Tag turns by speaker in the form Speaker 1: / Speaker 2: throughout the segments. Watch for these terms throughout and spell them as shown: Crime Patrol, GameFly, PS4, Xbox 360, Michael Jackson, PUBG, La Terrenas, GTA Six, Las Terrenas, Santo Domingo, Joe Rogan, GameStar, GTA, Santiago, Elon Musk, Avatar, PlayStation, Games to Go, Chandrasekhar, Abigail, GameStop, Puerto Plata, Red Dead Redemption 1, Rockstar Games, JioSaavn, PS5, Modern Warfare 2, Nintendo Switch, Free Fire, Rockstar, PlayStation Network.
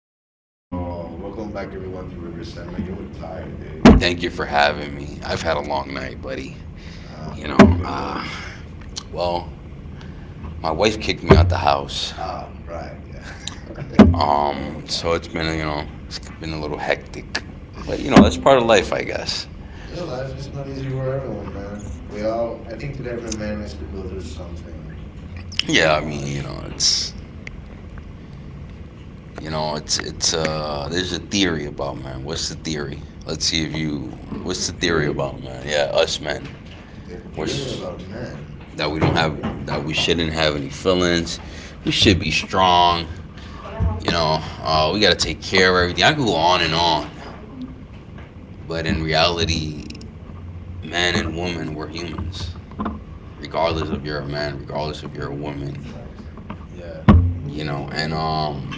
Speaker 1: Going on?
Speaker 2: Oh, welcome back everyone to River Seven. You look tired, dude.
Speaker 1: Thank you for having me. I've had a long night, buddy. You
Speaker 2: What
Speaker 1: know,
Speaker 2: you been
Speaker 1: uh,
Speaker 2: doing?
Speaker 1: well, my wife kicked me out the house.
Speaker 2: Ah, right, yeah. Oh
Speaker 1: So
Speaker 2: my
Speaker 1: it's been, you
Speaker 2: God.
Speaker 1: know, it's been a little hectic. But, you know, that's part of life, I guess.
Speaker 2: Yeah, life is not easy for everyone, man. We all, I think that every man is to go through something.
Speaker 1: Yeah, I mean, there's a theory about, man. What's the theory? Let's see if you, what's
Speaker 2: The
Speaker 1: the theory
Speaker 2: theory,
Speaker 1: about, man? Yeah, us men.
Speaker 2: the, the
Speaker 1: We're,
Speaker 2: theory
Speaker 1: s-
Speaker 2: about man, I have no idea.
Speaker 1: that we shouldn't have any feelings. We should be strong, we got to take care of everything. I could go on and on, but in reality, man and woman, we're humans,
Speaker 2: Yeah,
Speaker 1: regardless of you're a man, regardless if you're a woman,
Speaker 2: yeah,
Speaker 1: you know, and
Speaker 2: yeah.
Speaker 1: um,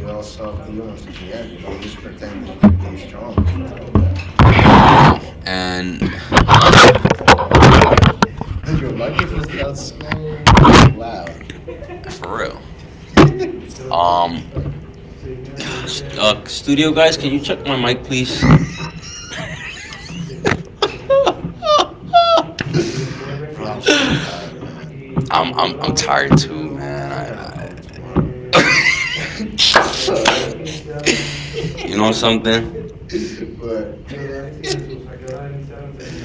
Speaker 2: We all soft humans at the end, you know. We're just pretending to be strong and stuff like that.
Speaker 1: you know, and
Speaker 2: Oh my God, dude, your microphone sounds so loud.
Speaker 1: for real.
Speaker 2: It's
Speaker 1: um,
Speaker 2: hurting.
Speaker 1: studio guys, can you check my mic, please?
Speaker 2: Bro, I'm so tired, man.
Speaker 1: I'm tired too,
Speaker 2: I
Speaker 1: man. I,
Speaker 2: think I'm
Speaker 1: I
Speaker 2: not coming tomorrow, dude. Like, for real,
Speaker 1: you know something?
Speaker 2: but.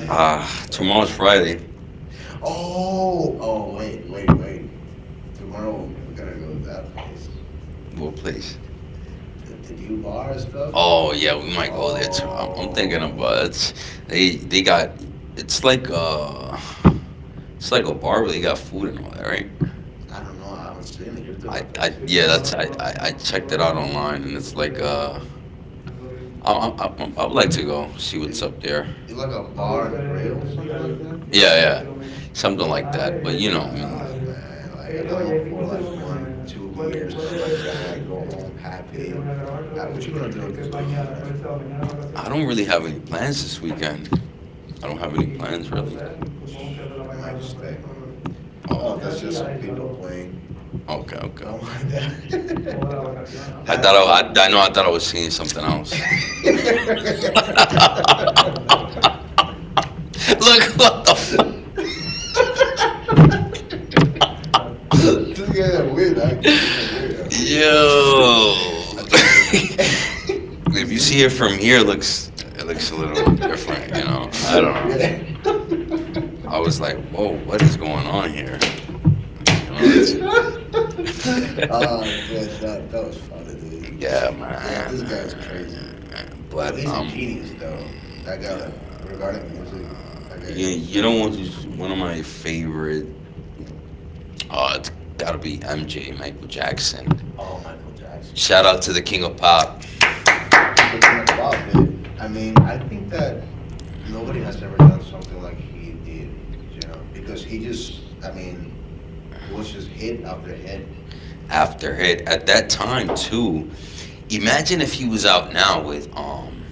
Speaker 2: Uh,
Speaker 1: Tomorrow's Friday.
Speaker 2: oh, oh, wait, wait, wait. Tomorrow we gotta go to that place,
Speaker 1: What place?
Speaker 2: the new bar and stuff.
Speaker 1: Oh yeah, we might go there too. I'm thinking
Speaker 2: Oh,
Speaker 1: about it's They got, it's like, it's like a bar, but they got food and all that, right?
Speaker 2: I don't know. I haven't seen it. You're the one
Speaker 1: I
Speaker 2: that's seen it.
Speaker 1: Yeah, that's I checked it out online, and it's like, I would like to go see what's
Speaker 2: It's,
Speaker 1: up there.
Speaker 2: it's like a bar and grill, something like that.
Speaker 1: Yeah, yeah, something like that. But you know, I mean,
Speaker 2: Man, like I'm up for like one, two beers, something like that. Go home happy. How, what you gonna do on this weekend, man?
Speaker 1: I don't really have any plans this weekend. I don't have any plans really.
Speaker 2: I might just stay home.
Speaker 1: Oh,
Speaker 2: Oh, that's just some people playing.
Speaker 1: okay, okay,
Speaker 2: Don't
Speaker 1: okay.
Speaker 2: mind that.
Speaker 1: I
Speaker 2: That
Speaker 1: thought I,
Speaker 2: album,
Speaker 1: I, I
Speaker 2: bro.
Speaker 1: know I thought I was seeing something else. Look, what the
Speaker 2: This guy's a weird, actually. He's a weirdo, dude.
Speaker 1: yo.
Speaker 2: I'm telling you,
Speaker 1: If you see it
Speaker 2: musician.
Speaker 1: from here, it looks, it looks a little different, you know. I don't know.
Speaker 2: Yeah.
Speaker 1: I was like, whoa, what is going on here? You know, it's
Speaker 2: Oh shit, that was funny, dude.
Speaker 1: yeah,
Speaker 2: Yeah,
Speaker 1: man.
Speaker 2: this guy is crazy.
Speaker 1: But
Speaker 2: Oh, he's a genius, though. That guy, like,
Speaker 1: Yeah,
Speaker 2: regarding music, that guy
Speaker 1: you,
Speaker 2: is
Speaker 1: you know
Speaker 2: insane.
Speaker 1: what? Who's one of my favorite?
Speaker 2: Mm.
Speaker 1: It's gotta be MJ, Michael Jackson.
Speaker 2: Oh, Michael
Speaker 1: Shout
Speaker 2: Jackson.
Speaker 1: out to the King of Pop,
Speaker 2: He's the king of pop, dude. I mean, I think that nobody has ever done something like he did, you know, because he just, I mean, it was just hit after hit.
Speaker 1: after hit at that time too. Imagine if he was out now with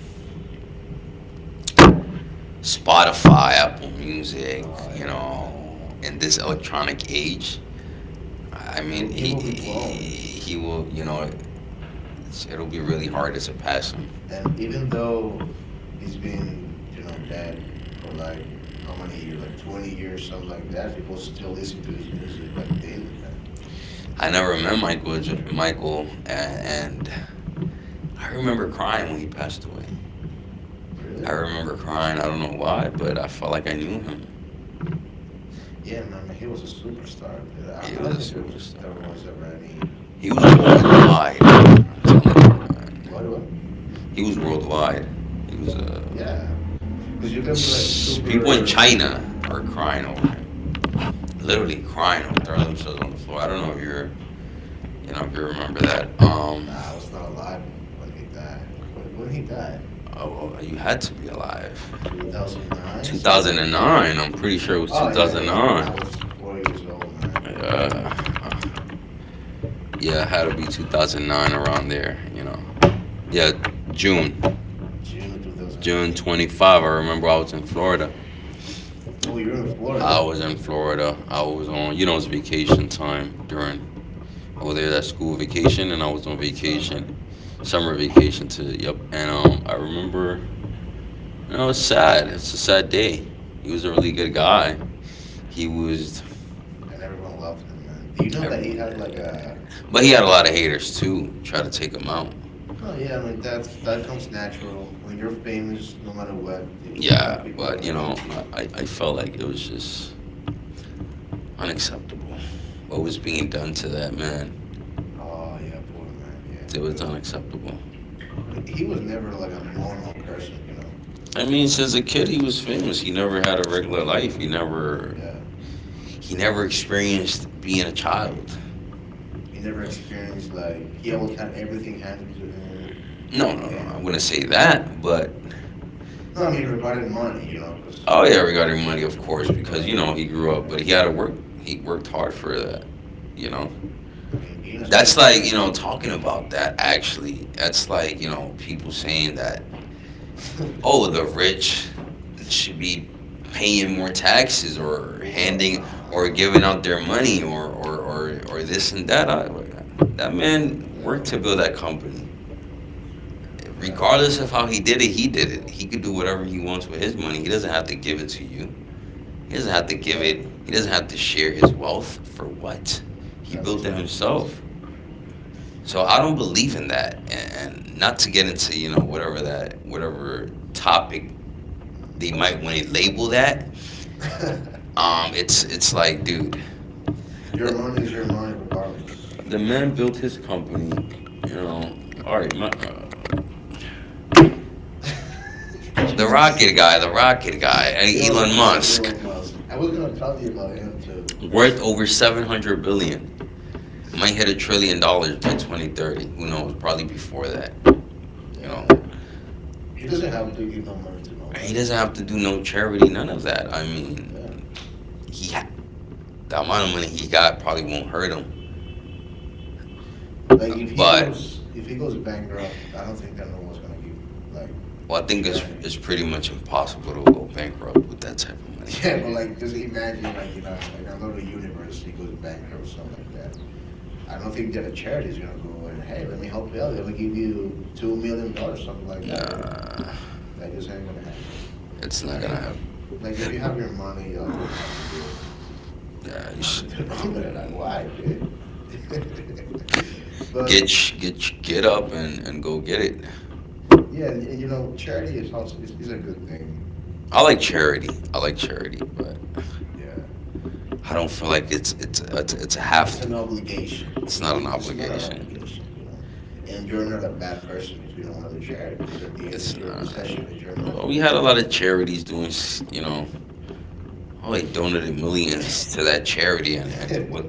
Speaker 1: Spotify, Apple Music,
Speaker 2: Oh
Speaker 1: you
Speaker 2: yeah,
Speaker 1: know, in this electronic age. I mean,
Speaker 2: he will be blown.
Speaker 1: he will, you know, it'll be really hard to surpass him.
Speaker 2: And even though he's been, you know, dead for like how many years, like 20 years, something like that, people still listen to his music like daily, man.
Speaker 1: I never met
Speaker 2: It's crazy.
Speaker 1: Michael, and I remember crying when he passed away. I
Speaker 2: Really?
Speaker 1: remember crying. I don't know why, but I felt like I knew him.
Speaker 2: Yeah, man. I mean, he was a superstar, dude. I,
Speaker 1: He
Speaker 2: I
Speaker 1: was a
Speaker 2: don't think there was, there
Speaker 1: superstar.
Speaker 2: was ever any.
Speaker 1: He was worldwide, man. I'm telling you, man.
Speaker 2: What? What?
Speaker 1: He was worldwide. He was
Speaker 2: Yeah, because you can be like
Speaker 1: people
Speaker 2: super.
Speaker 1: in China are crying over him. Literally crying over, throwing themselves on the floor. I don't know if you're, you know, if you remember that.
Speaker 2: Nah, I was not alive when he died. When he died,
Speaker 1: Oh, oh, you had to be alive.
Speaker 2: 2009 or something like that.
Speaker 1: 2009. I'm pretty sure it was
Speaker 2: Oh yeah, yeah.
Speaker 1: 2009.
Speaker 2: Nah, I was 4 years old, man.
Speaker 1: Uh, uh, yeah, it had to be 2009 around there, you know. Yeah, June,
Speaker 2: June of 2009.
Speaker 1: June 25. I remember I was in Florida.
Speaker 2: Oh, you're in
Speaker 1: I
Speaker 2: Florida
Speaker 1: was in Florida. I was on, you know, it's vacation time during, over there that school vacation, and I was on
Speaker 2: this
Speaker 1: vacation,
Speaker 2: summer,
Speaker 1: summer vacation to, yep. And I remember, you know, it's sad. It's a sad day. He was a really good guy. He was,
Speaker 2: and everyone loved him, man. Do you know that he
Speaker 1: everyone
Speaker 2: had like
Speaker 1: did,
Speaker 2: a?
Speaker 1: but he had a lot of haters too. Try to take him out.
Speaker 2: No, yeah. I mean, that's that comes natural when you're famous. No matter what, you're gonna
Speaker 1: Yeah,
Speaker 2: have people that are
Speaker 1: but you
Speaker 2: gonna
Speaker 1: know,
Speaker 2: hate
Speaker 1: I,
Speaker 2: you.
Speaker 1: I, I felt like it was just unacceptable. What was being done to that man,
Speaker 2: Oh yeah, poor man. Yeah,
Speaker 1: it was
Speaker 2: because
Speaker 1: unacceptable.
Speaker 2: he was never like a normal person, you know.
Speaker 1: I mean, since a kid, he was famous. He never had a regular life.
Speaker 2: Yeah.
Speaker 1: He never experienced being a child.
Speaker 2: He never experienced like he always had everything handed to him.
Speaker 1: No, no, no. I wouldn't
Speaker 2: And
Speaker 1: say that, but
Speaker 2: no, I mean regarding money, you know, because
Speaker 1: oh yeah, regarding money, of course, because
Speaker 2: regarding
Speaker 1: you know he grew up, but he had to work. He worked hard for that. You know,
Speaker 2: money, I mean being a super
Speaker 1: that's like you know talking about that. Actually, that's like you know people saying that, oh, the rich should be paying more taxes or
Speaker 2: what?
Speaker 1: handing, or
Speaker 2: Nah,
Speaker 1: giving out their money or this and that. That man worked
Speaker 2: no,
Speaker 1: to build that company.
Speaker 2: yeah,
Speaker 1: Regardless of how he did it, he did it. He could do whatever he wants with his money. He doesn't have to give it to you. He doesn't have to give
Speaker 2: yeah,
Speaker 1: it. He doesn't have to share his wealth for what? He
Speaker 2: that
Speaker 1: built
Speaker 2: makes
Speaker 1: it
Speaker 2: no sense.
Speaker 1: himself. So I don't believe in that. And not to get into, you know, whatever topic they
Speaker 2: Mm.
Speaker 1: might want to label that. It's like, dude,
Speaker 2: Your
Speaker 1: The,
Speaker 2: money is your money, regardless.
Speaker 1: the man built his company, you know. All right, my,
Speaker 2: He looks-
Speaker 1: the rocket guy,
Speaker 2: Elon
Speaker 1: Elon
Speaker 2: Musk.
Speaker 1: Musk,
Speaker 2: Elon Musk. I was gonna tell you about him too, because
Speaker 1: worth over 700 billion. Might hit a trillion dollars by 2030. Who knows? Probably before that, you know.
Speaker 2: uh, he doesn't have to give no money to
Speaker 1: He
Speaker 2: nobody.
Speaker 1: doesn't have to do no charity, none of that. I mean,
Speaker 2: Yeah,
Speaker 1: he ha- the amount of money he got probably won't hurt him.
Speaker 2: like
Speaker 1: But
Speaker 2: if he goes bankrupt, I don't think that no one's gonna give like.
Speaker 1: well, I think it's
Speaker 2: Charity.
Speaker 1: pretty much impossible to go bankrupt with that type of money.
Speaker 2: Yeah, but like just imagine like in another universe he goes bankrupt or something like that. I don't think that a charity is gonna go and hey, let me help you out, let me give you $2 million, something like
Speaker 1: No,
Speaker 2: that, you know? That just ain't gonna happen.
Speaker 1: it's not
Speaker 2: I think
Speaker 1: gonna happen.
Speaker 2: like if you have your money, like you don't have to give
Speaker 1: Yeah, you
Speaker 2: money to nobody. Like
Speaker 1: should.
Speaker 2: why, dude? But
Speaker 1: Get up and go get it.
Speaker 2: and you know, charity is also is a good thing. You
Speaker 1: I
Speaker 2: know,
Speaker 1: like
Speaker 2: it's,
Speaker 1: charity. I like charity, but
Speaker 2: yeah,
Speaker 1: I don't feel like it's a have
Speaker 2: it's
Speaker 1: to.
Speaker 2: an obligation.
Speaker 1: It's
Speaker 2: It,
Speaker 1: not an
Speaker 2: it's not an
Speaker 1: obligation.
Speaker 2: obligation, you know. And you're not a bad person if you don't want to do charity because at the end,
Speaker 1: It's
Speaker 2: it's your
Speaker 1: not.
Speaker 2: possession, it's your money,
Speaker 1: Well, we
Speaker 2: you
Speaker 1: had
Speaker 2: know.
Speaker 1: a lot of charities doing, you know, oh, they donated millions to that charity, and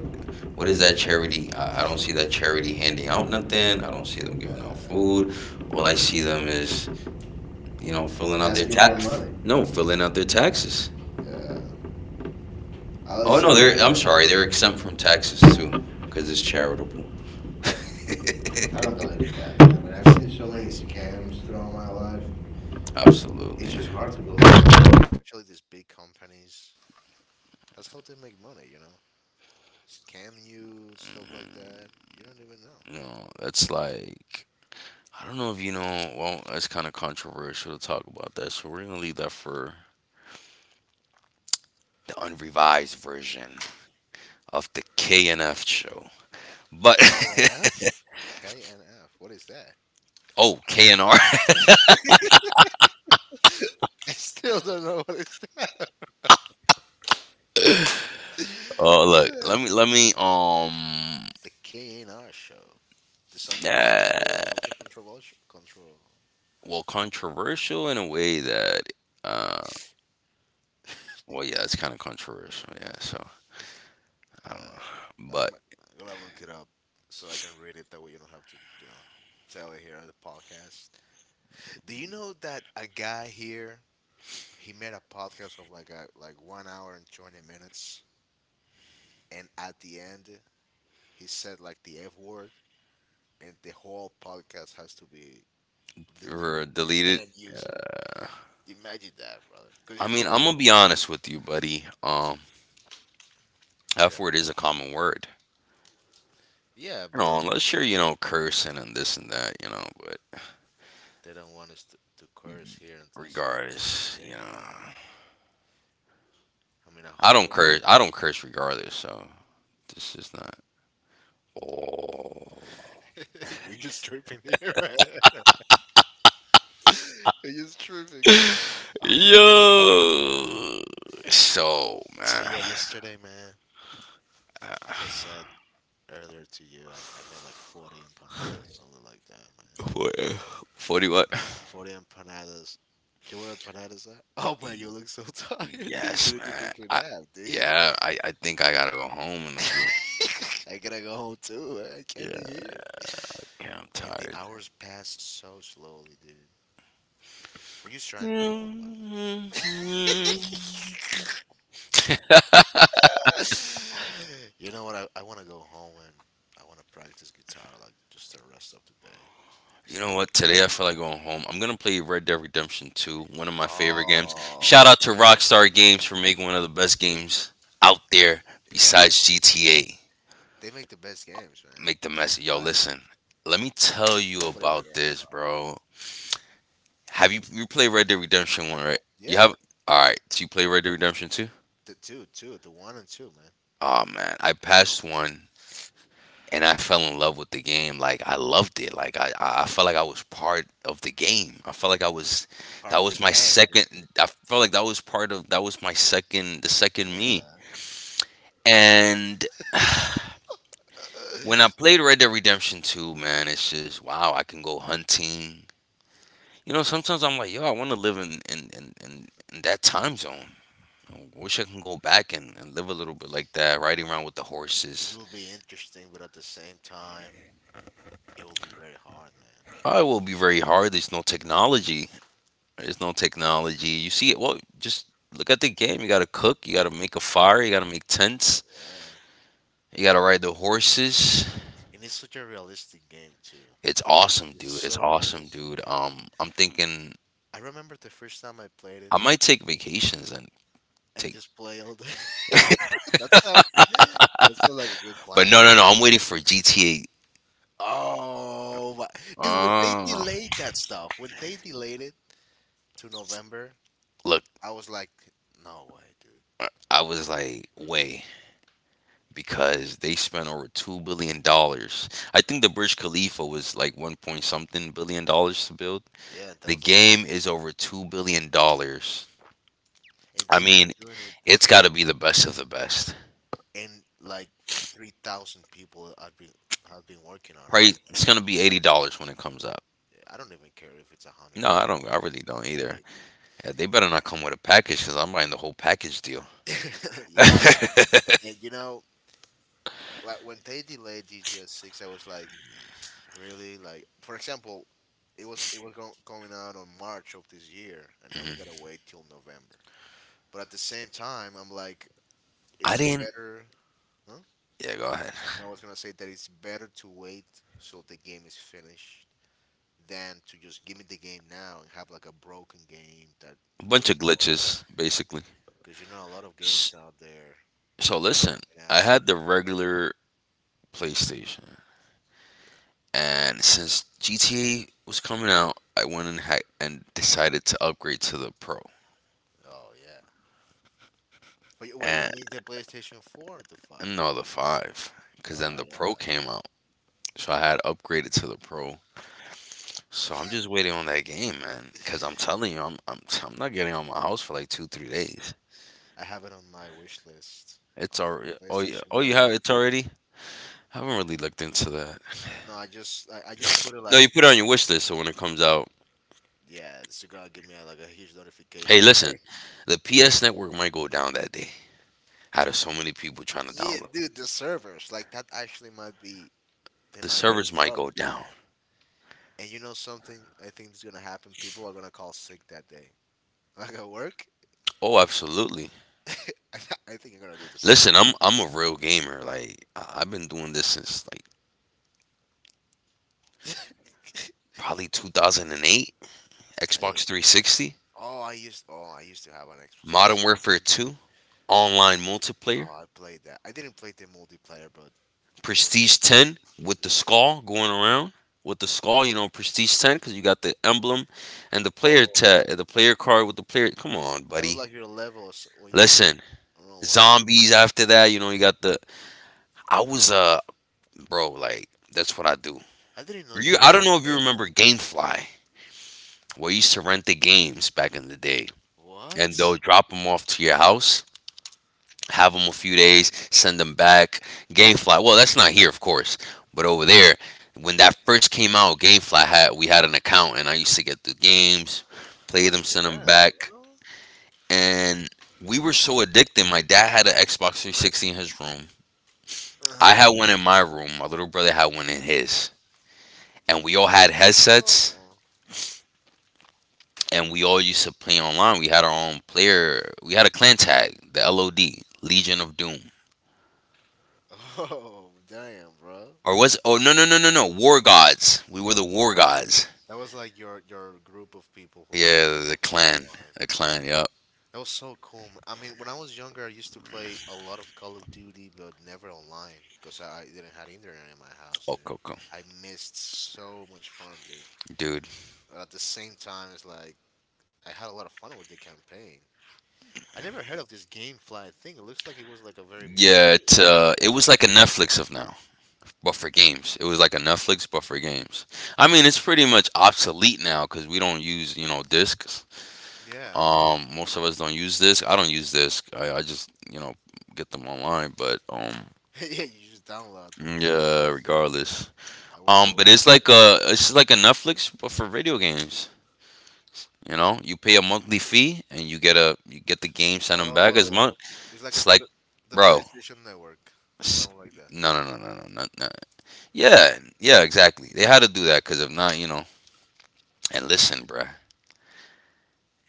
Speaker 1: what is that charity? I don't see that charity handing out nothing. I don't see them
Speaker 2: Uh,
Speaker 1: giving out food. All I see them is, you know, filling out their
Speaker 2: asking for
Speaker 1: tax.
Speaker 2: money.
Speaker 1: No, filling out their taxes.
Speaker 2: Yeah, I always
Speaker 1: Oh no,
Speaker 2: see.
Speaker 1: they're, I'm sorry, they're exempt from taxes too because it's charitable.
Speaker 2: I don't believe in that, man. I've seen so many scams throughout my life. It's
Speaker 1: Absolutely.
Speaker 2: just hard to believe, especially these big companies. That's how they make money, you know. Scam you, stuff like that. You don't even know.
Speaker 1: You know, that's like, I don't know if you know. Well, that's kind of controversial to talk about that, so we're gonna leave that for the unrevised version of the KNF show. But
Speaker 2: KNF, KNF. What is that?
Speaker 1: oh, KNR.
Speaker 2: I still don't know what is that.
Speaker 1: Oh, look,
Speaker 2: Yeah,
Speaker 1: let me.
Speaker 2: it's the KNR show. Did something happen there?
Speaker 1: Uh,
Speaker 2: Something controversial? Control.
Speaker 1: well, controversial in a way that uh. Well, yeah, it's kind of controversial. Yeah, so I don't know,
Speaker 2: Uh,
Speaker 1: but
Speaker 2: I'm gonna look it up so I can read it. That way you don't have to, tell it here on the podcast. Do you know that a guy here he made a podcast of like a like 1 hour and 20 minutes, and at the end he said like the F word, and the whole podcast has to be deleted.
Speaker 1: we're
Speaker 2: Like you
Speaker 1: deleted.
Speaker 2: can't use it.
Speaker 1: Uh,
Speaker 2: Imagine that, brother. Because
Speaker 1: I
Speaker 2: you know,
Speaker 1: mean, I'm
Speaker 2: like
Speaker 1: gonna be honest with you, buddy.
Speaker 2: yeah,
Speaker 1: F word is a common word.
Speaker 2: yeah,
Speaker 1: You
Speaker 2: but like,
Speaker 1: know, unless you're, you know, cursing and this and that, you know, but
Speaker 2: they don't want us to curse here in this
Speaker 1: regardless, you
Speaker 2: thing. You
Speaker 1: know,
Speaker 2: know, I mean a
Speaker 1: I don't
Speaker 2: whole.
Speaker 1: curse. I don't curse regardless, so this is not. Oh.
Speaker 2: We're just tripping here, man. We're just tripping. Oh my God.
Speaker 1: Yo. So,
Speaker 2: So
Speaker 1: man.
Speaker 2: yeah, yesterday, man,
Speaker 1: uh,
Speaker 2: as I said earlier to you, I made like 40 empanadas, something like that, man.
Speaker 1: What? 40 what?
Speaker 2: 40 empanadas. Do you know what empanadas are? Oh man, you look so tired, dude. You
Speaker 1: Yes,
Speaker 2: need to
Speaker 1: man.
Speaker 2: take a
Speaker 1: I
Speaker 2: nap, dude.
Speaker 1: yeah, I think I gotta go home in a few.
Speaker 2: I gotta go home too. Man, I can't
Speaker 1: Yeah,
Speaker 2: be here.
Speaker 1: yeah, I'm
Speaker 2: And the
Speaker 1: tired.
Speaker 2: hours pass so slowly, dude. Were you trying? Oh my. You know what? I want to go home and I want to practice guitar like just the rest of the day.
Speaker 1: You
Speaker 2: So,
Speaker 1: know what? Today I feel like going home. I'm gonna play Red Dead Redemption 2, one of my favorite games. Shout
Speaker 2: oh,
Speaker 1: out to Rockstar Games for making one of the best games out there
Speaker 2: yeah.
Speaker 1: besides GTA.
Speaker 2: They make the best games, man.
Speaker 1: Make the mess. Yo,
Speaker 2: Like,
Speaker 1: listen. Let me tell you
Speaker 2: nobody like
Speaker 1: about this,
Speaker 2: Rockstar.
Speaker 1: bro. Have you play Red Dead Redemption
Speaker 2: I,
Speaker 1: 1, right? You
Speaker 2: yeah,
Speaker 1: have. Alright, so you play Red Dead Redemption 2?
Speaker 2: the one and two, man.
Speaker 1: Oh man, I passed one and I fell in love with the game. Like I loved it. Like I felt like I was part of the game. I felt like I was,
Speaker 2: Part
Speaker 1: that
Speaker 2: of the
Speaker 1: was my
Speaker 2: gang.
Speaker 1: second. I felt like that was my second, the second me.
Speaker 2: Yeah.
Speaker 1: And when I played Red Dead Redemption 2, man, it's just wow. I can go hunting. You know, sometimes I'm like, yo, I want to live in in that time zone. I wish I can go back and live a little bit like that, riding around with the
Speaker 2: It
Speaker 1: horses.
Speaker 2: will be interesting, but at the same time, it will be very hard, man.
Speaker 1: Probably will be very hard. There's no technology. There's no technology. You see it. Well, just look at the game. You got to cook. You got to make a fire. You got to make tents.
Speaker 2: Yeah.
Speaker 1: You got to ride the horses.
Speaker 2: And it's such a realistic game, too.
Speaker 1: It's awesome,
Speaker 2: It's
Speaker 1: dude. It's
Speaker 2: so
Speaker 1: awesome,
Speaker 2: realistic,
Speaker 1: dude.
Speaker 2: dude.
Speaker 1: I'm thinking
Speaker 2: I remember the first time I played it.
Speaker 1: I might take vacations and
Speaker 2: And
Speaker 1: take.
Speaker 2: just play all day. That sounds like a good
Speaker 1: But
Speaker 2: plan.
Speaker 1: no, no, no. I'm waiting for GTA.
Speaker 2: Oh my dude, when they
Speaker 1: Uh,
Speaker 2: delayed that stuff, when they delayed it to November,
Speaker 1: look,
Speaker 2: I was like, no way, dude.
Speaker 1: I was like, way, because they spent over $2 billion. I think the Burj Khalifa was like 1 point something billion dollars to build.
Speaker 2: Yeah, that
Speaker 1: The
Speaker 2: was like,
Speaker 1: game is over $2 billion.
Speaker 2: and
Speaker 1: I
Speaker 2: they've been
Speaker 1: mean,
Speaker 2: doing it,
Speaker 1: it's got to be the best of the best.
Speaker 2: and like 3,000 people have been working on it.
Speaker 1: Probably it's gonna be $80 when it comes out.
Speaker 2: I don't even care if it's 100.
Speaker 1: No, I don't. I really
Speaker 2: I'll
Speaker 1: don't
Speaker 2: pay,
Speaker 1: either.
Speaker 2: it, dude.
Speaker 1: Yeah, they better not come with a package because I'm buying the whole package deal.
Speaker 2: Yeah, and you know, like when they delayed GTA 6, I was like, really, like for example, it was going out on March of this year, and now we
Speaker 1: Mhm.
Speaker 2: gotta wait till November. But at the same time, I'm like,
Speaker 1: I
Speaker 2: it's
Speaker 1: didn't.
Speaker 2: better. Huh?
Speaker 1: Yeah, go ahead.
Speaker 2: I was gonna say that it's better to wait so the game is finished than to just give me the game now and have like a broken game that
Speaker 1: A bunch of
Speaker 2: doesn't work.
Speaker 1: glitches, basically.
Speaker 2: Because you know, a lot of
Speaker 1: S-
Speaker 2: games out there
Speaker 1: So
Speaker 2: they're
Speaker 1: listen,
Speaker 2: coming
Speaker 1: I
Speaker 2: out.
Speaker 1: had the regular PlayStation, and since GTA was coming out, I went and and decided to upgrade to the Pro,
Speaker 2: Oh yeah. But wait, you
Speaker 1: and
Speaker 2: mean the PlayStation 4, or the 5?
Speaker 1: no, the five,
Speaker 2: All
Speaker 1: because then the
Speaker 2: right, all
Speaker 1: Pro
Speaker 2: right.
Speaker 1: came out, so I had upgraded to the Pro. So I'm just waiting on that game, man. Because I'm telling you, I'm not getting out my house for like 2 3 days.
Speaker 2: I have it on my wish list
Speaker 1: It's
Speaker 2: on
Speaker 1: already, oh yeah,
Speaker 2: PlayStation
Speaker 1: oh you have,
Speaker 2: Network.
Speaker 1: it's already. I haven't really looked into that.
Speaker 2: No, I just put it
Speaker 1: No,
Speaker 2: like
Speaker 1: you put it on your wish list so when it comes out.
Speaker 2: yeah, it's gonna give me a, like a huge notification
Speaker 1: Hey,
Speaker 2: like
Speaker 1: listen,
Speaker 2: hey.
Speaker 1: the PS network might go down that day. Out of so many people trying to
Speaker 2: Yeah
Speaker 1: download,
Speaker 2: dude the servers like that actually might be they
Speaker 1: the
Speaker 2: might get in
Speaker 1: servers might
Speaker 2: trouble.
Speaker 1: go down.
Speaker 2: And you know something I think is gonna happen? People are gonna call sick that day. Like at work,
Speaker 1: Oh, absolutely.
Speaker 2: I think you're gonna do the same.
Speaker 1: Listen, I'm a real gamer. Like I've been doing this since like probably 2008.
Speaker 2: Damn.
Speaker 1: Xbox 360,
Speaker 2: Oh, I used to have an Xbox
Speaker 1: Modern
Speaker 2: 360.
Speaker 1: Warfare 2, online
Speaker 2: Oh,
Speaker 1: multiplayer.
Speaker 2: I played that. I didn't play the multiplayer, but it was
Speaker 1: Prestige
Speaker 2: so good.
Speaker 1: 10 with the skull going around with the skull, you know, Prestige 10 because you got the emblem and the player
Speaker 2: Oh,
Speaker 1: tag, the player card with the player. Come on,
Speaker 2: that was
Speaker 1: buddy.
Speaker 2: like your level when you
Speaker 1: Listen,
Speaker 2: were online.
Speaker 1: zombies after that, you know, you got the. I was, bro, like, that's what I do.
Speaker 2: I didn't know
Speaker 1: Were
Speaker 2: you
Speaker 1: you,
Speaker 2: were
Speaker 1: I
Speaker 2: such
Speaker 1: don't
Speaker 2: a
Speaker 1: know if you
Speaker 2: gamer.
Speaker 1: remember Gamefly, where you used to rent the games back in the day, and they'll
Speaker 2: What?
Speaker 1: drop them off to your house, have them a few days, send them back. GameFly, well, that's not here, of course, but over there, when that first came out, GameFly had, we had an account, and I used to get the games, play
Speaker 2: What
Speaker 1: them,
Speaker 2: is
Speaker 1: send
Speaker 2: that,
Speaker 1: them back,
Speaker 2: bro?
Speaker 1: and we were so addicted. My dad had an Xbox 360 in his room.
Speaker 2: Uh
Speaker 1: I
Speaker 2: huh.
Speaker 1: had one in my room. My little brother had one in his, and we all had headsets. And we all used to play online. We had our own player. We had a clan tag, the LOD, Legion of Doom.
Speaker 2: Oh, damn, bro.
Speaker 1: Or was it? Oh no, War Gods. We were the War Gods.
Speaker 2: That was like your group of people who
Speaker 1: Yeah,
Speaker 2: played
Speaker 1: the
Speaker 2: together
Speaker 1: clan,
Speaker 2: online.
Speaker 1: the clan. Yep.
Speaker 2: That was so cool, man. I mean, when I was younger, I used to play a lot of Call of Duty, but never online because I didn't have internet in my house,
Speaker 1: Oh,
Speaker 2: dude.
Speaker 1: Coco,
Speaker 2: I missed so much fun, dude.
Speaker 1: dude.
Speaker 2: But at the same time, it's like I had a lot of fun with the campaign. I never heard of this GameFly thing. It looks like it was like a very big
Speaker 1: Yeah,
Speaker 2: thing.
Speaker 1: it was like a Netflix of now, but for games. It was like a Netflix, but for games. I mean, it's pretty much obsolete now because we don't use, you know, discs.
Speaker 2: Yeah.
Speaker 1: Most of us don't use disc. I don't use disc. I just, you know, get them online. But
Speaker 2: Yeah, you just download them. And
Speaker 1: yeah,
Speaker 2: that's it.
Speaker 1: regardless.
Speaker 2: I wonder
Speaker 1: But
Speaker 2: what.
Speaker 1: it's like a, it's like a Netflix, but for video games. You know, you pay a monthly fee and you get a, you get the game, sent them back
Speaker 2: Oh,
Speaker 1: as
Speaker 2: yeah.
Speaker 1: much.
Speaker 2: It's like a,
Speaker 1: It's like,
Speaker 2: the
Speaker 1: bro,
Speaker 2: PlayStation Network,
Speaker 1: s-
Speaker 2: something like that.
Speaker 1: no, no, no, no, no, no, no. Yeah, yeah, exactly. They had to do that because if not, you know. And listen, bruh.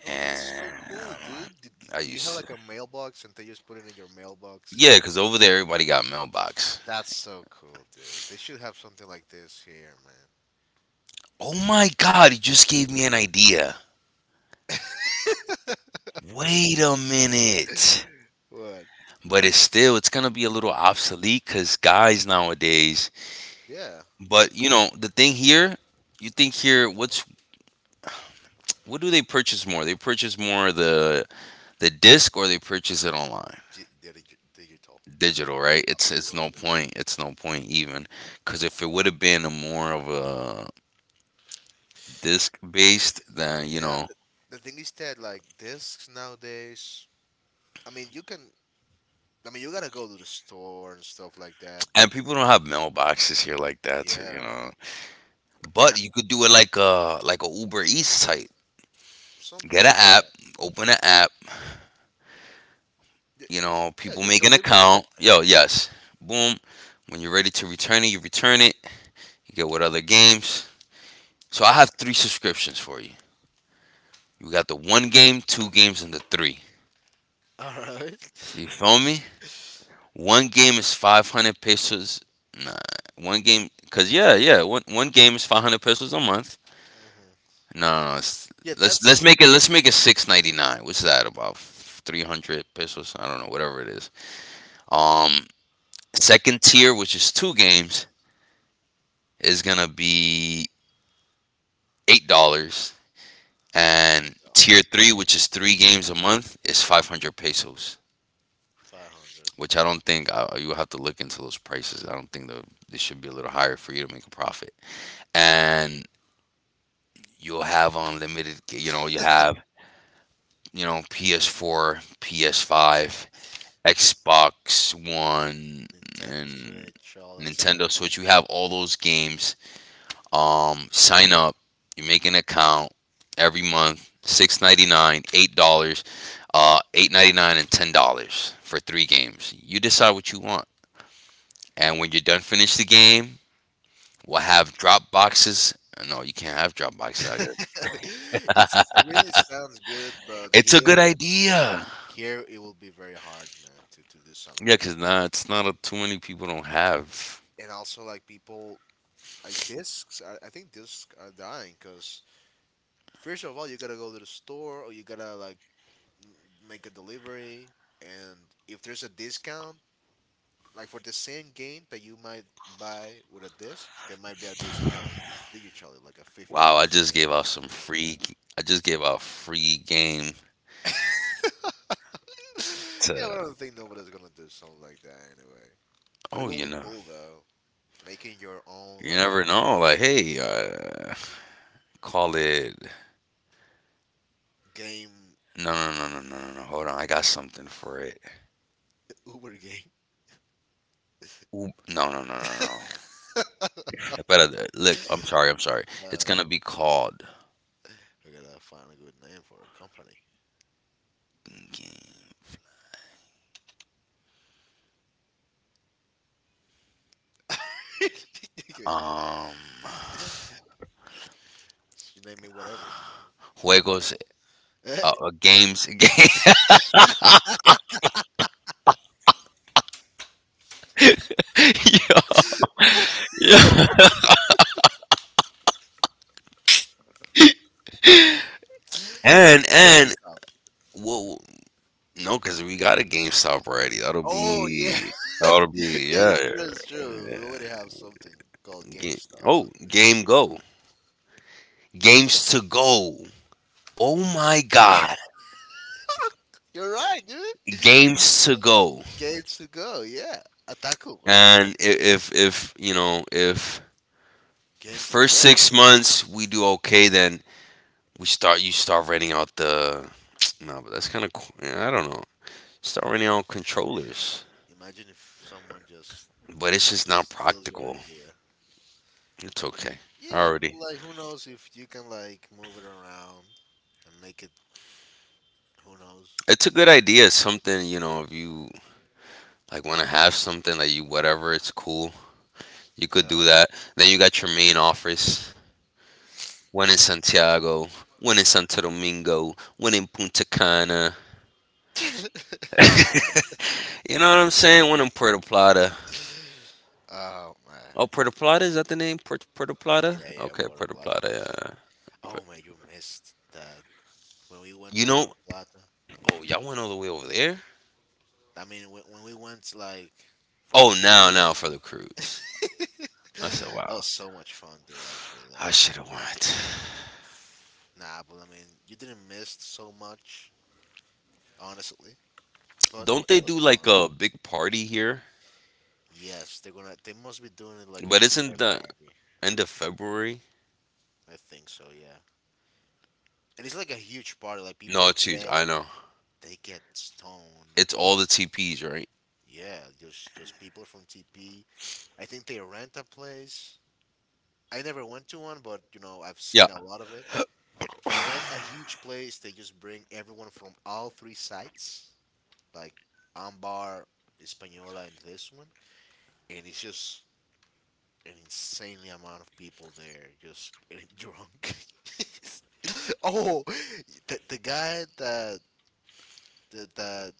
Speaker 2: Oh, that's so
Speaker 1: And
Speaker 2: cool,
Speaker 1: um,
Speaker 2: dude. Do,
Speaker 1: I
Speaker 2: do you have
Speaker 1: used to,
Speaker 2: like a mailbox and they just put it in your mailbox?
Speaker 1: yeah, because over there everybody got mailbox.
Speaker 2: That's so cool, dude. They should have something like this here, man.
Speaker 1: Oh my God, you just gave me an idea. Wait a minute.
Speaker 2: What?
Speaker 1: But it's still, it's gonna be a little obsolete because guys nowadays.
Speaker 2: Yeah.
Speaker 1: But you know the thing here, you think here, what's, what do they purchase more? They purchase more the disc or they purchase it online?
Speaker 2: Digital.
Speaker 1: Digital, right? It's no point. It's no point even, because if it would have been a more of a disc based, then you
Speaker 2: Yeah,
Speaker 1: know,
Speaker 2: the thing is that like discs nowadays I mean, you can. I mean, you gotta go to the store and stuff like that.
Speaker 1: and people don't have mailboxes here like that, so you
Speaker 2: Yeah,
Speaker 1: know.
Speaker 2: and
Speaker 1: But you could do it like a, like a Uber Eats type.
Speaker 2: something
Speaker 1: Get an
Speaker 2: like
Speaker 1: app,
Speaker 2: that.
Speaker 1: open an app.
Speaker 2: Y-
Speaker 1: You know,
Speaker 2: Yeah,
Speaker 1: people
Speaker 2: just
Speaker 1: make an
Speaker 2: delivery.
Speaker 1: account. Yo, yes, boom. When you're ready to return it. You get what other games. So I have three subscriptions for you. You got the one game, two games, and the three.
Speaker 2: All right.
Speaker 1: You feel me? One game is 500 pesos. Nah, one game, cause yeah, yeah, one game is 500 pesos a month.
Speaker 2: Mm-hmm.
Speaker 1: No, no, no,
Speaker 2: Yeah,
Speaker 1: let's
Speaker 2: that's
Speaker 1: make it, let's make it 6.99. What's that about? 300 pesos? I don't know, whatever it is. Um, Second tier, which is two games, is gonna be $8, and tier three, which is three games a month, is 500 pesos.
Speaker 2: 500.
Speaker 1: Which I don't think, you have to look into those prices. I don't think the, they should be a little higher for you to make a profit. And you'll have unlimited. You know, you have, you know, PS4, PS5, Xbox One,
Speaker 2: Nintendo
Speaker 1: and
Speaker 2: Switch, all that
Speaker 1: Nintendo
Speaker 2: stuff.
Speaker 1: Switch. You have all those games. Sign up. You make an account every month. 6.99, $8, eight ninety nine, and ten dollars for three games. You decide what you want, and when you're done, finish the game. We'll have drop boxes. No, you can't have drop boxes out here.
Speaker 2: It really sounds good, but
Speaker 1: It's a good
Speaker 2: here,
Speaker 1: idea.
Speaker 2: here it will be very hard, man, to do something
Speaker 1: Yeah,
Speaker 2: like.
Speaker 1: cause nah, it's not a, too many people don't have.
Speaker 2: And also, like people, like discs. I think discs are dying because first of all, you gotta go to the store or you gotta like m- make a delivery, and if there's a discount like for the same game that you might buy with a disc, there might be a discount digitally, like a
Speaker 1: Wow, I
Speaker 2: 15%
Speaker 1: just
Speaker 2: something
Speaker 1: gave out some
Speaker 2: like
Speaker 1: free.
Speaker 2: that.
Speaker 1: I just gave out free game
Speaker 2: Yeah,
Speaker 1: to.
Speaker 2: but I don't think nobody's gonna do something like that anyway. But it
Speaker 1: Oh,
Speaker 2: will
Speaker 1: you
Speaker 2: be
Speaker 1: know,
Speaker 2: cool though, making your own
Speaker 1: you
Speaker 2: like
Speaker 1: never know. Like, hey, call it.
Speaker 2: game.
Speaker 1: No, no, no, no, no, no, no. Hold on, I got something for it.
Speaker 2: Uber game.
Speaker 1: Oop. No, no, no, no, no. Look. I'm sorry. I'm sorry. It's
Speaker 2: uh
Speaker 1: gonna be called.
Speaker 2: we gotta find a good name for a company.
Speaker 1: Game.
Speaker 2: You
Speaker 1: Um,
Speaker 2: name me whatever.
Speaker 1: Juegos, games. And
Speaker 2: GameStop.
Speaker 1: well, no, because we got a GameStop already. That'll
Speaker 2: Oh yeah.
Speaker 1: be, that'll
Speaker 2: Yeah,
Speaker 1: be
Speaker 2: it's
Speaker 1: yeah.
Speaker 2: true, it's true. We
Speaker 1: Yeah.
Speaker 2: already have something called
Speaker 1: Game,
Speaker 2: GameStar.
Speaker 1: oh, Game Go, Games to Go. Oh my God,
Speaker 2: You're right, dude.
Speaker 1: Games to Go.
Speaker 2: Games to go, yeah. Ataku, right?
Speaker 1: And if you know, if
Speaker 2: Games to
Speaker 1: first
Speaker 2: go.
Speaker 1: 6 months we do okay, then we start, you start renting out the, no, but that's kind of, I don't know. Start renting out controllers,
Speaker 2: Imagine if someone just
Speaker 1: but it's just not
Speaker 2: steals your
Speaker 1: practical.
Speaker 2: idea.
Speaker 1: It's okay.
Speaker 2: Yeah, but
Speaker 1: Already.
Speaker 2: like who knows if you can like move it around and make it, who knows?
Speaker 1: It's a good idea. Something, you know, if you like want to have something like you, whatever, it's cool. You could do
Speaker 2: Yeah.
Speaker 1: that. Then you got your main office. One in Santiago, one in Santo Domingo, one in Punta Cana. You know what I'm saying? One in Puerto Plata.
Speaker 2: Oh man.
Speaker 1: Oh, Puerto Plata, is that the name? Puerto, Puerto Plata?
Speaker 2: Yeah, yeah,
Speaker 1: Okay,
Speaker 2: Puerto
Speaker 1: Puerto
Speaker 2: Plata
Speaker 1: Plata,
Speaker 2: does.
Speaker 1: yeah. But,
Speaker 2: Oh man, you missed that. When we went
Speaker 1: you
Speaker 2: to
Speaker 1: know,
Speaker 2: Puerto Plata,
Speaker 1: oh, y'all went all the way over there?
Speaker 2: I mean, when we went like for the
Speaker 1: Oh, now,
Speaker 2: cruise.
Speaker 1: now for the cruise. I said,
Speaker 2: That
Speaker 1: wow.
Speaker 2: was so much fun, dude. Actually,
Speaker 1: I
Speaker 2: like,
Speaker 1: should have went.
Speaker 2: nah, but I mean, you didn't miss so much, honestly. But it,
Speaker 1: Don't they
Speaker 2: it was
Speaker 1: do like
Speaker 2: fun.
Speaker 1: a big party here?
Speaker 2: Yes, they're gonna. They must be doing it like in
Speaker 1: But isn't the
Speaker 2: February.
Speaker 1: end of February?
Speaker 2: I think so. Yeah, and it's like a huge party. Like
Speaker 1: No,
Speaker 2: people
Speaker 1: it's huge.
Speaker 2: get,
Speaker 1: I know.
Speaker 2: they get stoned.
Speaker 1: It's all the TPs, right?
Speaker 2: Yeah, just people from TP. I think they rent a place. I never went to one, but you know I've
Speaker 1: Yeah.
Speaker 2: seen a lot of it. They rent a huge place. They just bring everyone from all three sites, like Ambar, Española, and this one. And it's just an insanely amount of people there just getting drunk. Oh, the guy that, the, that,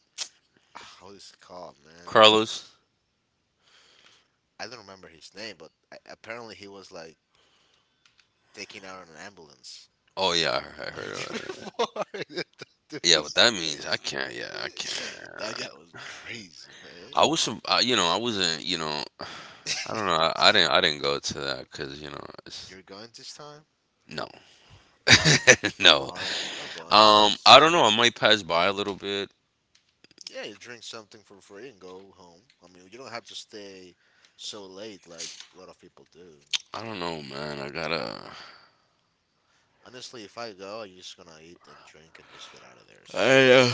Speaker 2: ah, how is it called, man?
Speaker 1: Carlos.
Speaker 2: I don't remember his name, but apparently he was like taken out on an ambulance
Speaker 1: Oh yeah, I
Speaker 2: on
Speaker 1: heard
Speaker 2: a
Speaker 1: about
Speaker 2: different
Speaker 1: it.
Speaker 2: floor. That dude
Speaker 1: Yeah, what
Speaker 2: was
Speaker 1: that means, I can't. Yeah, I can't.
Speaker 2: crazy. That guy was crazy, man.
Speaker 1: I was, I, you know, I wasn't, you know, I don't know. I didn't go to that because, you know, it's
Speaker 2: You're going this time?
Speaker 1: no,
Speaker 2: I'm
Speaker 1: no.
Speaker 2: going. I'm going 'cause-
Speaker 1: I don't know. I might pass by a little bit.
Speaker 2: yeah, you drink something for free and go home. I mean, you don't have to stay so late like a lot of people do.
Speaker 1: I don't know, man. I gotta.
Speaker 2: Honestly, if I go, I'm just gonna eat and drink and just get out of there as soon as.
Speaker 1: I, uh,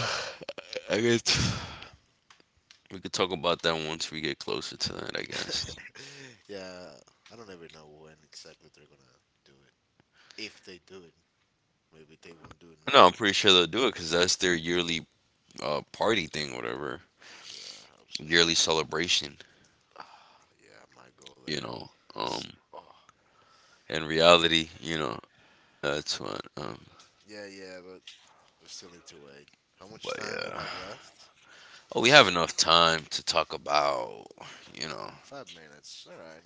Speaker 1: I guess we could talk about that once we get closer to that, I guess.
Speaker 2: Yeah, I don't ever know when exactly they're gonna do it. If they do it, maybe they won't do
Speaker 1: No, I'm
Speaker 2: nothing.
Speaker 1: pretty sure they'll do it because that's their yearly, party thing, whatever,
Speaker 2: Yeah, I hope so.
Speaker 1: yearly celebration.
Speaker 2: Ah, yeah, I might go
Speaker 1: You
Speaker 2: there
Speaker 1: know,
Speaker 2: and
Speaker 1: um,
Speaker 2: see. Oh,
Speaker 1: in reality, you know, that's what.
Speaker 2: yeah, yeah, but we still need to wait. How much
Speaker 1: But
Speaker 2: time we
Speaker 1: yeah,
Speaker 2: have left?
Speaker 1: oh, we have
Speaker 2: Let's
Speaker 1: enough time to talk about, you know.
Speaker 2: five minutes. All right.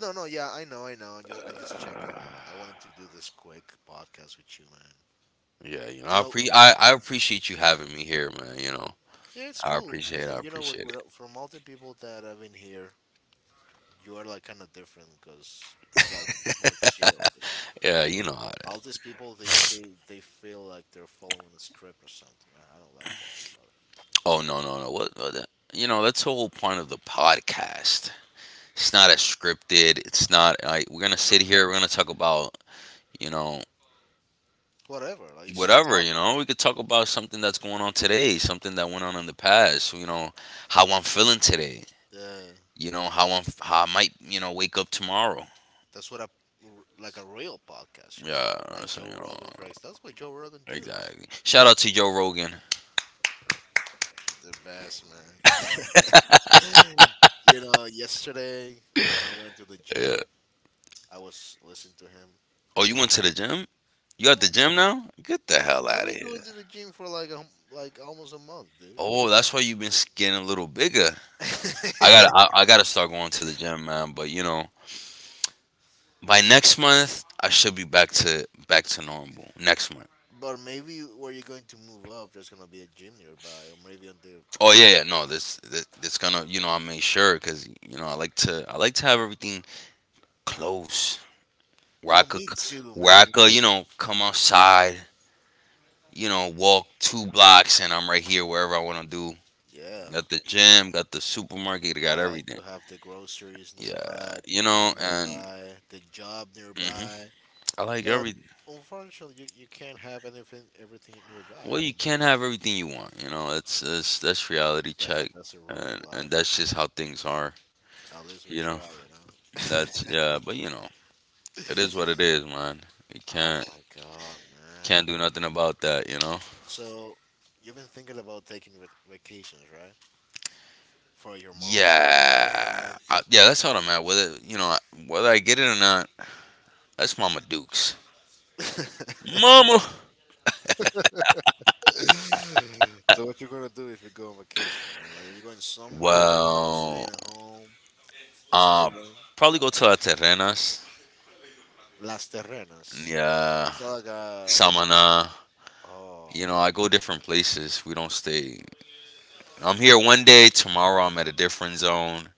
Speaker 2: No, no, yeah, I know, I know. I'm just checking. I
Speaker 1: uh,
Speaker 2: wanted to do this quick podcast with you, man.
Speaker 1: Yeah, you know,
Speaker 2: You know,
Speaker 1: I appreciate you having me here, man. You know,
Speaker 2: yeah, it's cool.
Speaker 1: I
Speaker 2: And you know, what?
Speaker 1: appreciate
Speaker 2: what-
Speaker 1: it.
Speaker 2: uh, from all the people that have been here, you are like kind of different because it's like more chill, you know.
Speaker 1: Yeah, you know how that.
Speaker 2: All these people, they feel like they're following a script or something. I don't like that,
Speaker 1: Oh no, no, no. What? You know, that's the whole point of the podcast. It's not as scripted. It's not like we're gonna sit
Speaker 2: brother.
Speaker 1: here. We're gonna talk about, you know,
Speaker 2: Whatever. Like it's just
Speaker 1: whatever
Speaker 2: talk.
Speaker 1: you know. We could talk about something that's going on today, something that went on in the past. You know how I'm feeling today.
Speaker 2: Uh,
Speaker 1: You know how I'm, how I might, you know, wake up tomorrow.
Speaker 2: that's what a r- like a real podcast, you know,
Speaker 1: Yeah,
Speaker 2: like
Speaker 1: so you
Speaker 2: Joe
Speaker 1: know
Speaker 2: Rogan, for instance. That's what Joe Rogan does.
Speaker 1: exactly. Shout out to Joe Rogan.
Speaker 2: The best, man. You know, yesterday when I went to the
Speaker 1: Yeah.
Speaker 2: gym, I was listening to him.
Speaker 1: Oh, you went to the gym? You at the
Speaker 2: Yeah,
Speaker 1: gym now? Get the hell
Speaker 2: I've
Speaker 1: out of
Speaker 2: been
Speaker 1: here.
Speaker 2: going to the gym for like like almost a month, dude.
Speaker 1: Oh, that's why you've been getting a little bigger. I got to I got to start going to the gym, man. But you know, by next month, I should be back to, back to normal. Next month.
Speaker 2: But maybe where you're going to move up, there's gonna be a gym nearby, or maybe on the.
Speaker 1: Oh yeah, yeah. No, this gonna, you know, I made sure because you know I like to have everything close, where I
Speaker 2: Oh,
Speaker 1: could,
Speaker 2: me too,
Speaker 1: where I
Speaker 2: man.
Speaker 1: could, you know, come outside, you know, walk two blocks and I'm right here wherever I want to do.
Speaker 2: Yeah,
Speaker 1: Got the gym, got the supermarket, got
Speaker 2: I like
Speaker 1: everything.
Speaker 2: to have the groceries
Speaker 1: Yeah,
Speaker 2: nearby, the
Speaker 1: you
Speaker 2: gym
Speaker 1: know, and
Speaker 2: nearby, the job
Speaker 1: hmm,
Speaker 2: nearby.
Speaker 1: I like
Speaker 2: But
Speaker 1: every.
Speaker 2: unfortunately, you can't have anything everything nearby.
Speaker 1: Well,
Speaker 2: You
Speaker 1: you
Speaker 2: know.
Speaker 1: can't have everything you want. You know, that's that's reality
Speaker 2: Yeah,
Speaker 1: check,
Speaker 2: that's a rule of
Speaker 1: and
Speaker 2: life.
Speaker 1: that's just how things are.
Speaker 2: At least we
Speaker 1: You know.
Speaker 2: try, you
Speaker 1: That's
Speaker 2: know.
Speaker 1: yeah, but you know, it is what it is, man. We
Speaker 2: Oh my God, man.
Speaker 1: can't do nothing about that, you know.
Speaker 2: So you've been thinking about taking vacations, right? For your mom,
Speaker 1: Yeah,
Speaker 2: right?
Speaker 1: I, yeah, that's how I'm at. Whether you know, whether I get it or not, that's Mama Dukes. Mama.
Speaker 2: So what you gonna do if you go on vacation, man? Like, are you going somewhere? Or you can to stay
Speaker 1: Well,
Speaker 2: at home, just
Speaker 1: uh,
Speaker 2: chilling?
Speaker 1: probably go to La Terrenas.
Speaker 2: Las Terrenas.
Speaker 1: Yeah,
Speaker 2: It's not like a
Speaker 1: Samana. You know,
Speaker 2: oh
Speaker 1: I go different places. We don't stay. I'm here one day. Tomorrow, I'm at a different zone.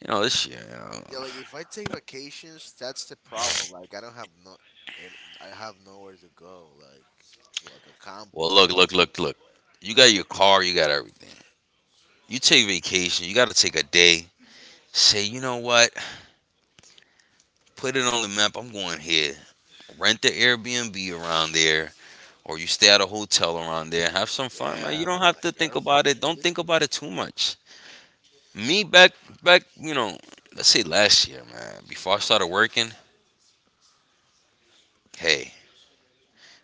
Speaker 1: You know this shit. You know.
Speaker 2: yeah. Like if I take vacations, that's the problem. Like I don't have no, and I have nowhere to go. Like to like a
Speaker 1: Well,
Speaker 2: campo.
Speaker 1: look, look, look, look. You got your car. You got everything. You take vacation, you got to take a day. Say, you know what? Put it on the map. I'm going here. Rent the Airbnb around there, or you stay at a hotel around there. Have some fun, man. You
Speaker 2: Yeah,
Speaker 1: don't
Speaker 2: with
Speaker 1: have to
Speaker 2: my
Speaker 1: think
Speaker 2: girlfriend,
Speaker 1: about it. Don't
Speaker 2: dude.
Speaker 1: think about it too much. Me back, back, you know, let's say last year, man. Before I started working, hey,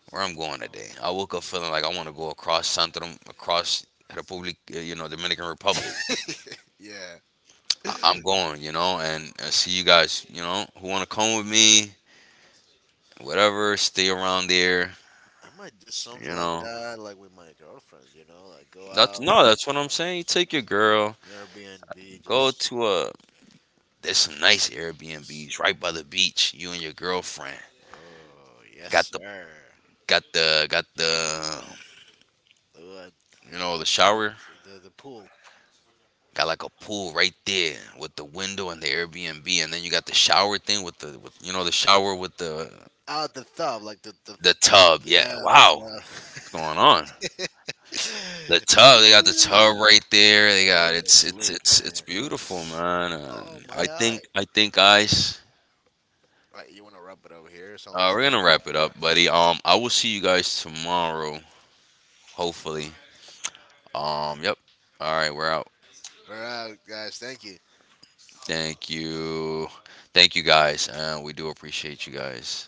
Speaker 1: where I'm going today? I woke up feeling like I want to go across Santorum, across Republic, you know, Dominican Republic.
Speaker 2: Yeah,
Speaker 1: I'm going, you know, and see you guys, you know, who want to come with me. Whatever, stay around there.
Speaker 2: I might do something
Speaker 1: You
Speaker 2: like
Speaker 1: know,
Speaker 2: that, like with my girlfriend, you know, like go
Speaker 1: that's
Speaker 2: out,
Speaker 1: no, that's what I'm saying. You take your girl,
Speaker 2: Airbnb,
Speaker 1: go
Speaker 2: just.
Speaker 1: to a. There's some nice Airbnbs right by the beach. You and your girlfriend
Speaker 2: Oh, yes,
Speaker 1: got the,
Speaker 2: sir.
Speaker 1: got the,
Speaker 2: The,
Speaker 1: you know, the shower.
Speaker 2: the pool.
Speaker 1: Got like a pool right there with the window and the Airbnb, and then you got the shower thing with the, with, you know, the shower with the
Speaker 2: Out the tub, like the
Speaker 1: the tub. Yeah,
Speaker 2: yeah, the
Speaker 1: wow, what's
Speaker 2: tub.
Speaker 1: going on? The tub, they got the
Speaker 2: Wait,
Speaker 1: tub right there. They
Speaker 2: we
Speaker 1: got,
Speaker 2: gotta sleep,
Speaker 1: it's
Speaker 2: man.
Speaker 1: beautiful, man.
Speaker 2: Oh, my eye.
Speaker 1: I think guys,
Speaker 2: Right, you wanna wrap it over here? It's almost
Speaker 1: we're gonna wrap it
Speaker 2: time.
Speaker 1: up, buddy. I will see you guys tomorrow, hopefully.
Speaker 2: Yeah.
Speaker 1: Yep. All right, we're out.
Speaker 2: All right, guys, thank you.
Speaker 1: Thank you, thank you guys, and we do appreciate you guys.